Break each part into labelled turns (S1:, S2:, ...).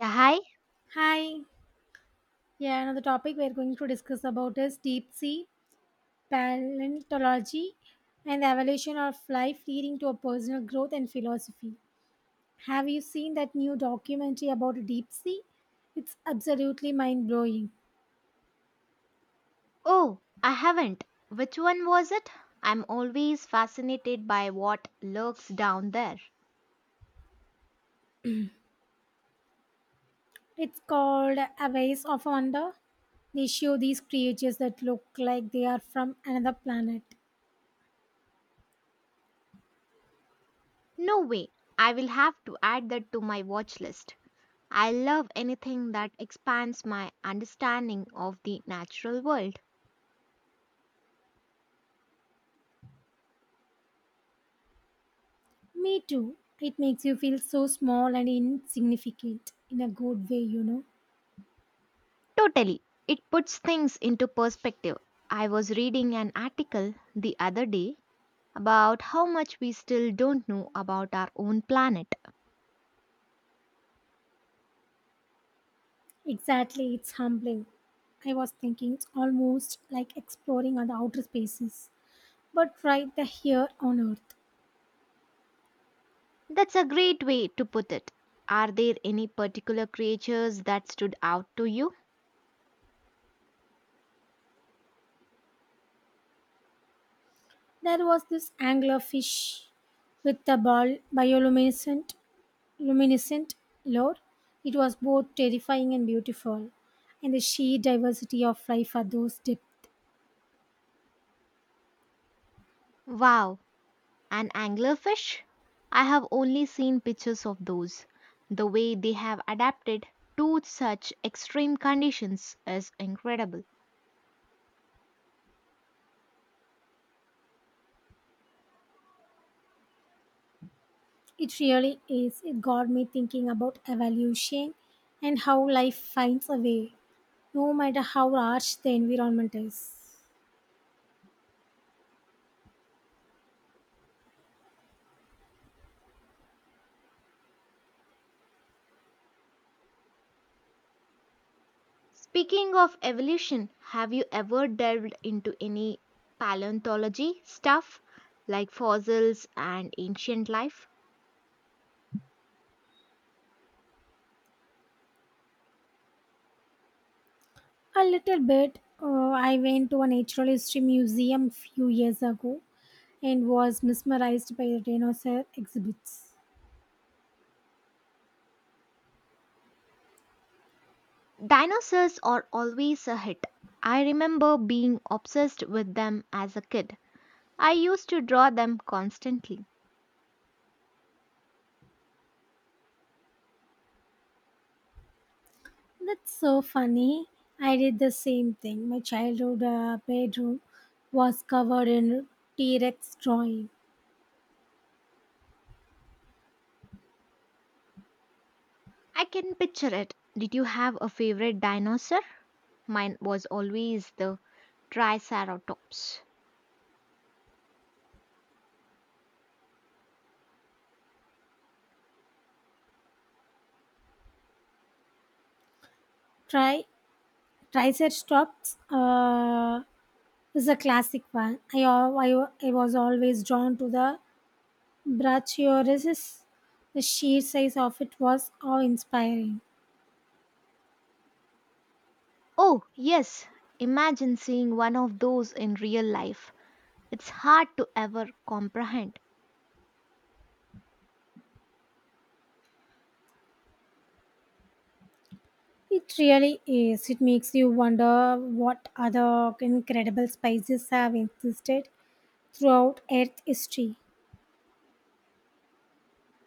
S1: Yeah, hi.
S2: Hi. Yeah, another topic we're going to discuss about is deep sea paleontology and the evolution of life leading to a personal growth and philosophy. Have you seen that new documentary about deep sea? It's absolutely mind blowing.
S1: Oh, I haven't. Which one was it? I'm always fascinated by what lurks down there.
S2: It's called A Ways of Wonder. They show these creatures that look like they are from another planet.
S1: No way. I will have to add that to my watch list. I love anything that expands my understanding of the natural world.
S2: Me too. It makes you feel so small and insignificant in a good way.
S1: Totally. It puts things into perspective. I was reading an article the other day about how much we still don't know about our own planet.
S2: Exactly, it's humbling. I was thinking it's almost like exploring other outer spaces, but right there here on Earth.
S1: That's a great way to put it. Are there any particular creatures that stood out to you?
S2: There was this anglerfish with the ball bioluminescent luminescent lure. It was both terrifying and beautiful, and the sheer diversity of life at those depths.
S1: Wow, an anglerfish? I have only seen pictures of those. The way they have adapted to such extreme conditions is incredible.
S2: It really is. It got me thinking about evolution and how life finds a way, no matter how harsh the environment is.
S1: Speaking of evolution, have you ever delved into any paleontology stuff like fossils and ancient life?
S2: A little bit. I went to a natural history museum few years ago and was mesmerized by the dinosaur exhibits.
S1: Dinosaurs are always a hit. I remember being obsessed with them as a kid. I used to draw them constantly.
S2: That's so funny. I did the same thing. My childhood bedroom was covered in T Rex drawing.
S1: I can picture it. Did you have a favorite dinosaur? Mine was always the Triceratops.
S2: Tri- Triceratops is a classic one. I, al- I, wa- I was always drawn to the Brachiosaurus. The sheer size of it was awe inspiring.
S1: Oh, yes. Imagine seeing one of those in real life. It's hard to ever comprehend.
S2: It really is. It makes you wonder what other incredible spices have existed throughout Earth history,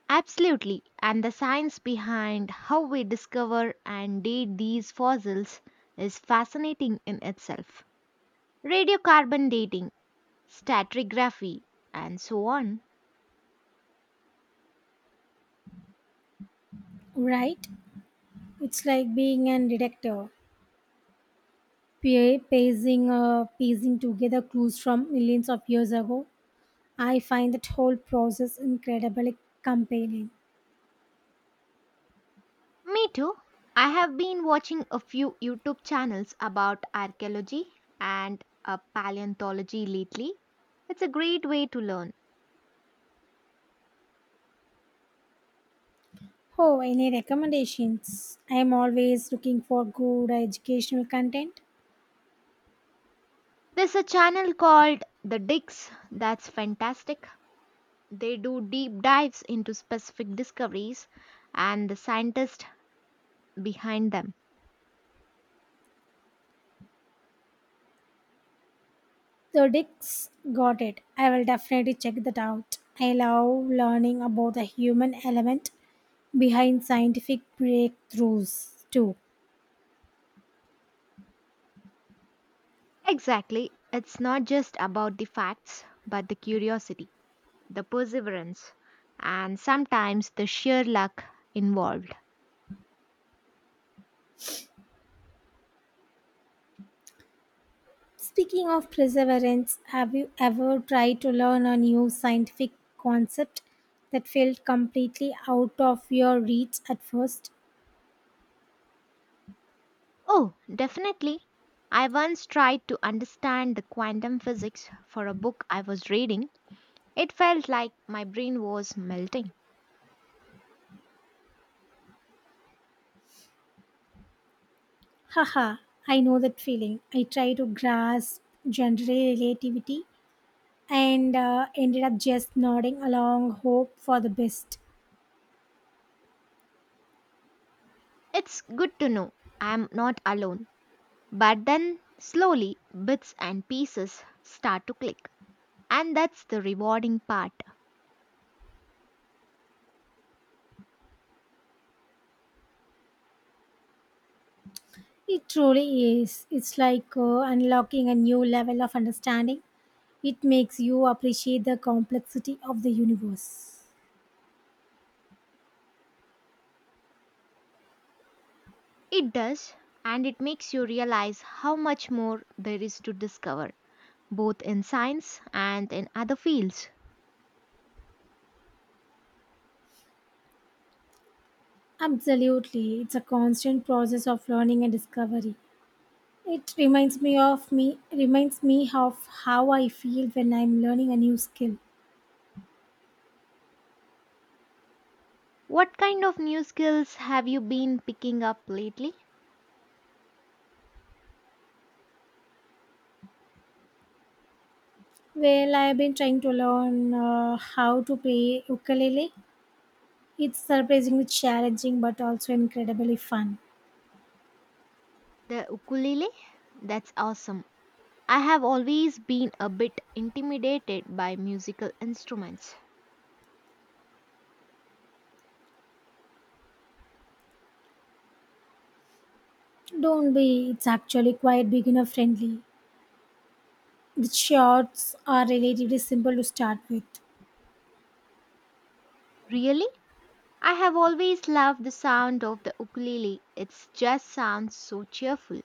S1: Absolutely. And the science behind how we discover and date these fossils is fascinating in itself. Radiocarbon dating, stratigraphy, and so on.
S2: right? It's like being a detective, piecing together clues from millions of years ago. I find that whole process incredibly compelling.
S1: Me too. I have been watching a few YouTube channels about archaeology and paleontology lately. It's a great way to learn.
S2: Oh, any recommendations? I am always looking for good educational content.
S1: There's a channel called The Dicks that's fantastic. They do deep dives into specific discoveries and the scientists behind them.
S2: So Dick's got it. I will definitely check that out. I love learning about the human element behind scientific breakthroughs too.
S1: Exactly. It's not just about the facts, but the curiosity, the perseverance, and sometimes the sheer luck involved.
S2: Speaking of perseverance, have you ever tried to learn a new scientific concept that felt completely out of your reach at first?
S1: Oh, definitely. I once tried to understand the quantum physics for a book I was reading. It felt like my brain was melting.
S2: Haha, I know that feeling. I tried to grasp general relativity and ended up just nodding along hope for the best.
S1: It's good to know I'm not alone. But then, slowly, bits and pieces start to click. And that's the rewarding part.
S2: It truly is. It's like unlocking a new level of understanding. It makes you appreciate the complexity of the universe.
S1: It does, and it makes you realize how much more there is to discover, both in science and in other fields.
S2: Absolutely. It's a constant process of learning and discovery. It reminds me of how I feel when I'm learning a new skill.
S1: What kind of new skills have you been picking up lately?
S2: Well, I've been trying to learn how to play ukulele. It's surprisingly challenging but also incredibly fun.
S1: The ukulele? That's awesome. I have always been a bit intimidated by musical instruments.
S2: Don't be, it's actually quite beginner friendly. The shorts are relatively simple to start with.
S1: Really? I have always loved the sound of the ukulele. It just sounds so cheerful.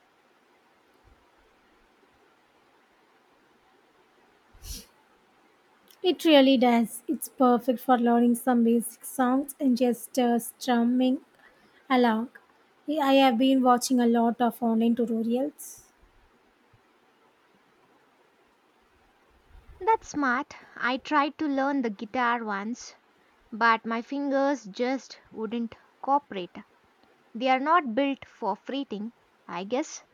S2: It really does. It's perfect for learning some basic songs and just strumming along. Yeah, I have been watching a lot of online tutorials.
S1: That's smart. I tried to learn the guitar once, but my fingers just wouldn't cooperate. They are not built for fretting, I guess.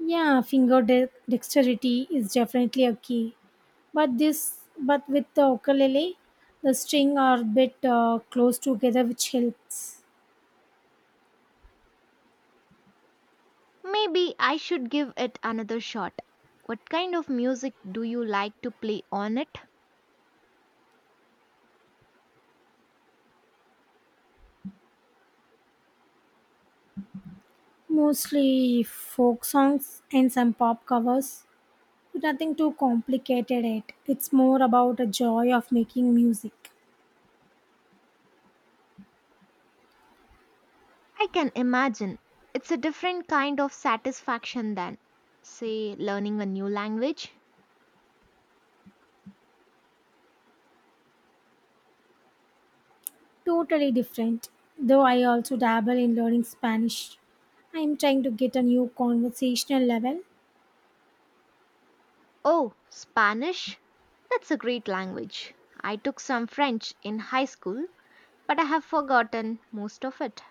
S2: Yeah, finger dexterity is definitely a key. But with the ukulele, the string are a bit close together, which helps.
S1: Maybe I should give it another shot. What kind of music do you like to play on it?
S2: Mostly folk songs and some pop covers, nothing too complicated. It's more about the joy of making music.
S1: I can imagine. It's a different kind of satisfaction than, say, learning a new language.
S2: Totally different, though I also dabble in learning Spanish. I'm trying to get a new conversational level.
S1: Oh, Spanish? That's a great language. I took some French in high school, but I have forgotten most of it.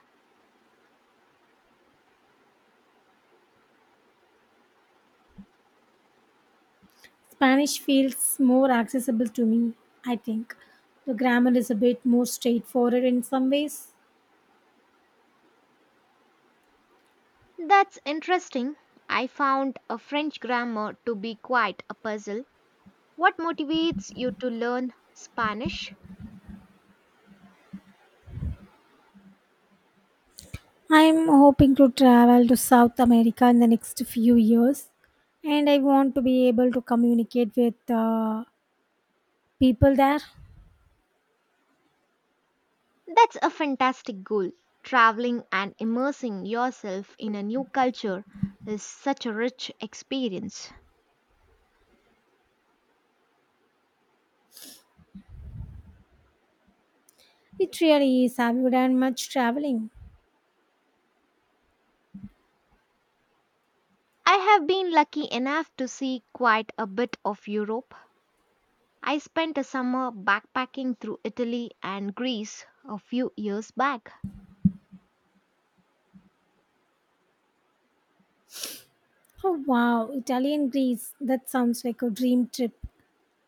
S2: Spanish feels more accessible to me, I think. The grammar is a bit more straightforward in some ways.
S1: That's interesting. I found a French grammar to be quite a puzzle. What motivates you to learn Spanish?
S2: I'm hoping to travel to South America in the next few years, and I want to be able to communicate with uh, people there.
S1: That's a fantastic goal. Traveling and immersing yourself in a new culture is such a rich experience.
S2: It really is. Have you done much traveling?
S1: I have been lucky enough to see quite a bit of Europe. I spent a summer backpacking through Italy and Greece a few years back.
S2: Oh wow, Italy and Greece. That sounds like a dream trip.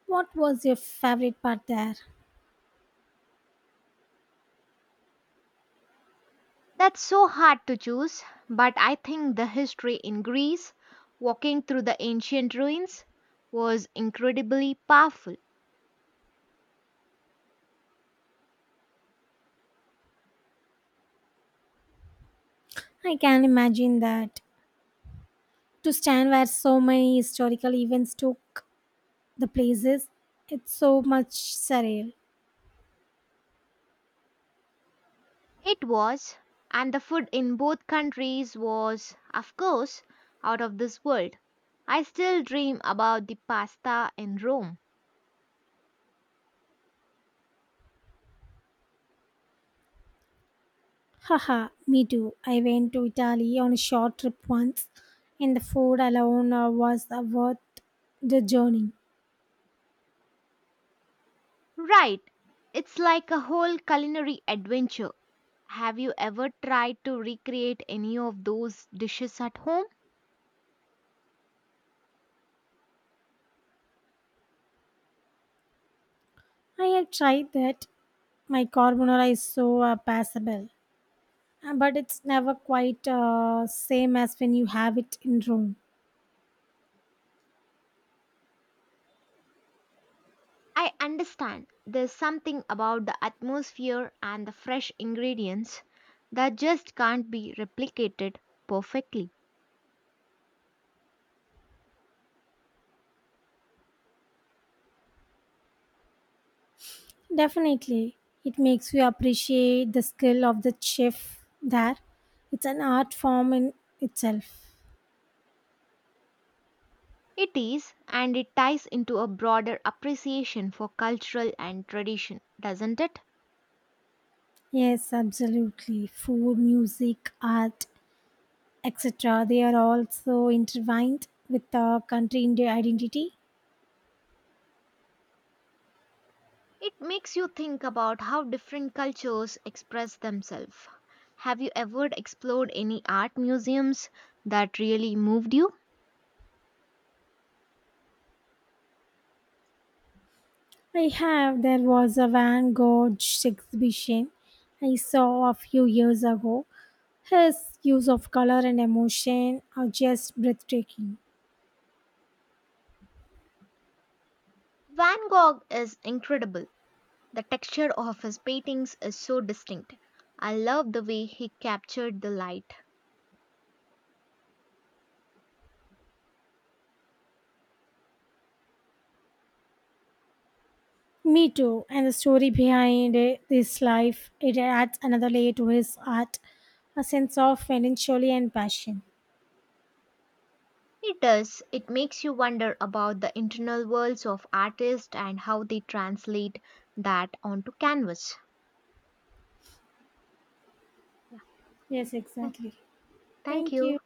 S2: What was your favorite part there?
S1: That's so hard to choose, but I think the history in Greece, walking through the ancient ruins, was incredibly powerful.
S2: I can imagine that. To stand where so many historical events took the places, it's so much surreal.
S1: It was, and the food in both countries was, of course, out of this world. I still dream about the pasta in Rome.
S2: Haha, me too. I went to Italy on a short trip once, and the food alone was worth the journey.
S1: Right, it's like a whole culinary adventure. Have you ever tried to recreate any of those dishes at home?
S2: I have tried that. My carbonara is so passable. But it's never quite same as when you have it in room.
S1: I understand there's something about the atmosphere and the fresh ingredients that just can't be replicated perfectly.
S2: Definitely. It makes you appreciate the skill of the chef there. It's an art form in itself.
S1: It is, and it ties into a broader appreciation for cultural and tradition, doesn't it?
S2: Yes, absolutely, food, music, art, etc. They are also intertwined with the country identity.
S1: It makes you think about how different cultures express themselves. Have you ever explored any art museums that really moved you?
S2: I have. There was a Van Gogh exhibition I saw a few years ago. His use of color and emotion are just breathtaking.
S1: Van Gogh is incredible. The texture of his paintings is so distinct. I love the way he captured the light.
S2: Me too. And the story behind it, this life, it adds another layer to his art, a sense of melancholy and passion.
S1: It does. It makes you wonder about the internal worlds of artists and how they translate that onto canvas. Yeah.
S2: Yes,
S1: Th-
S2: exactly.
S1: Thank
S2: Thank
S1: you.
S2: you.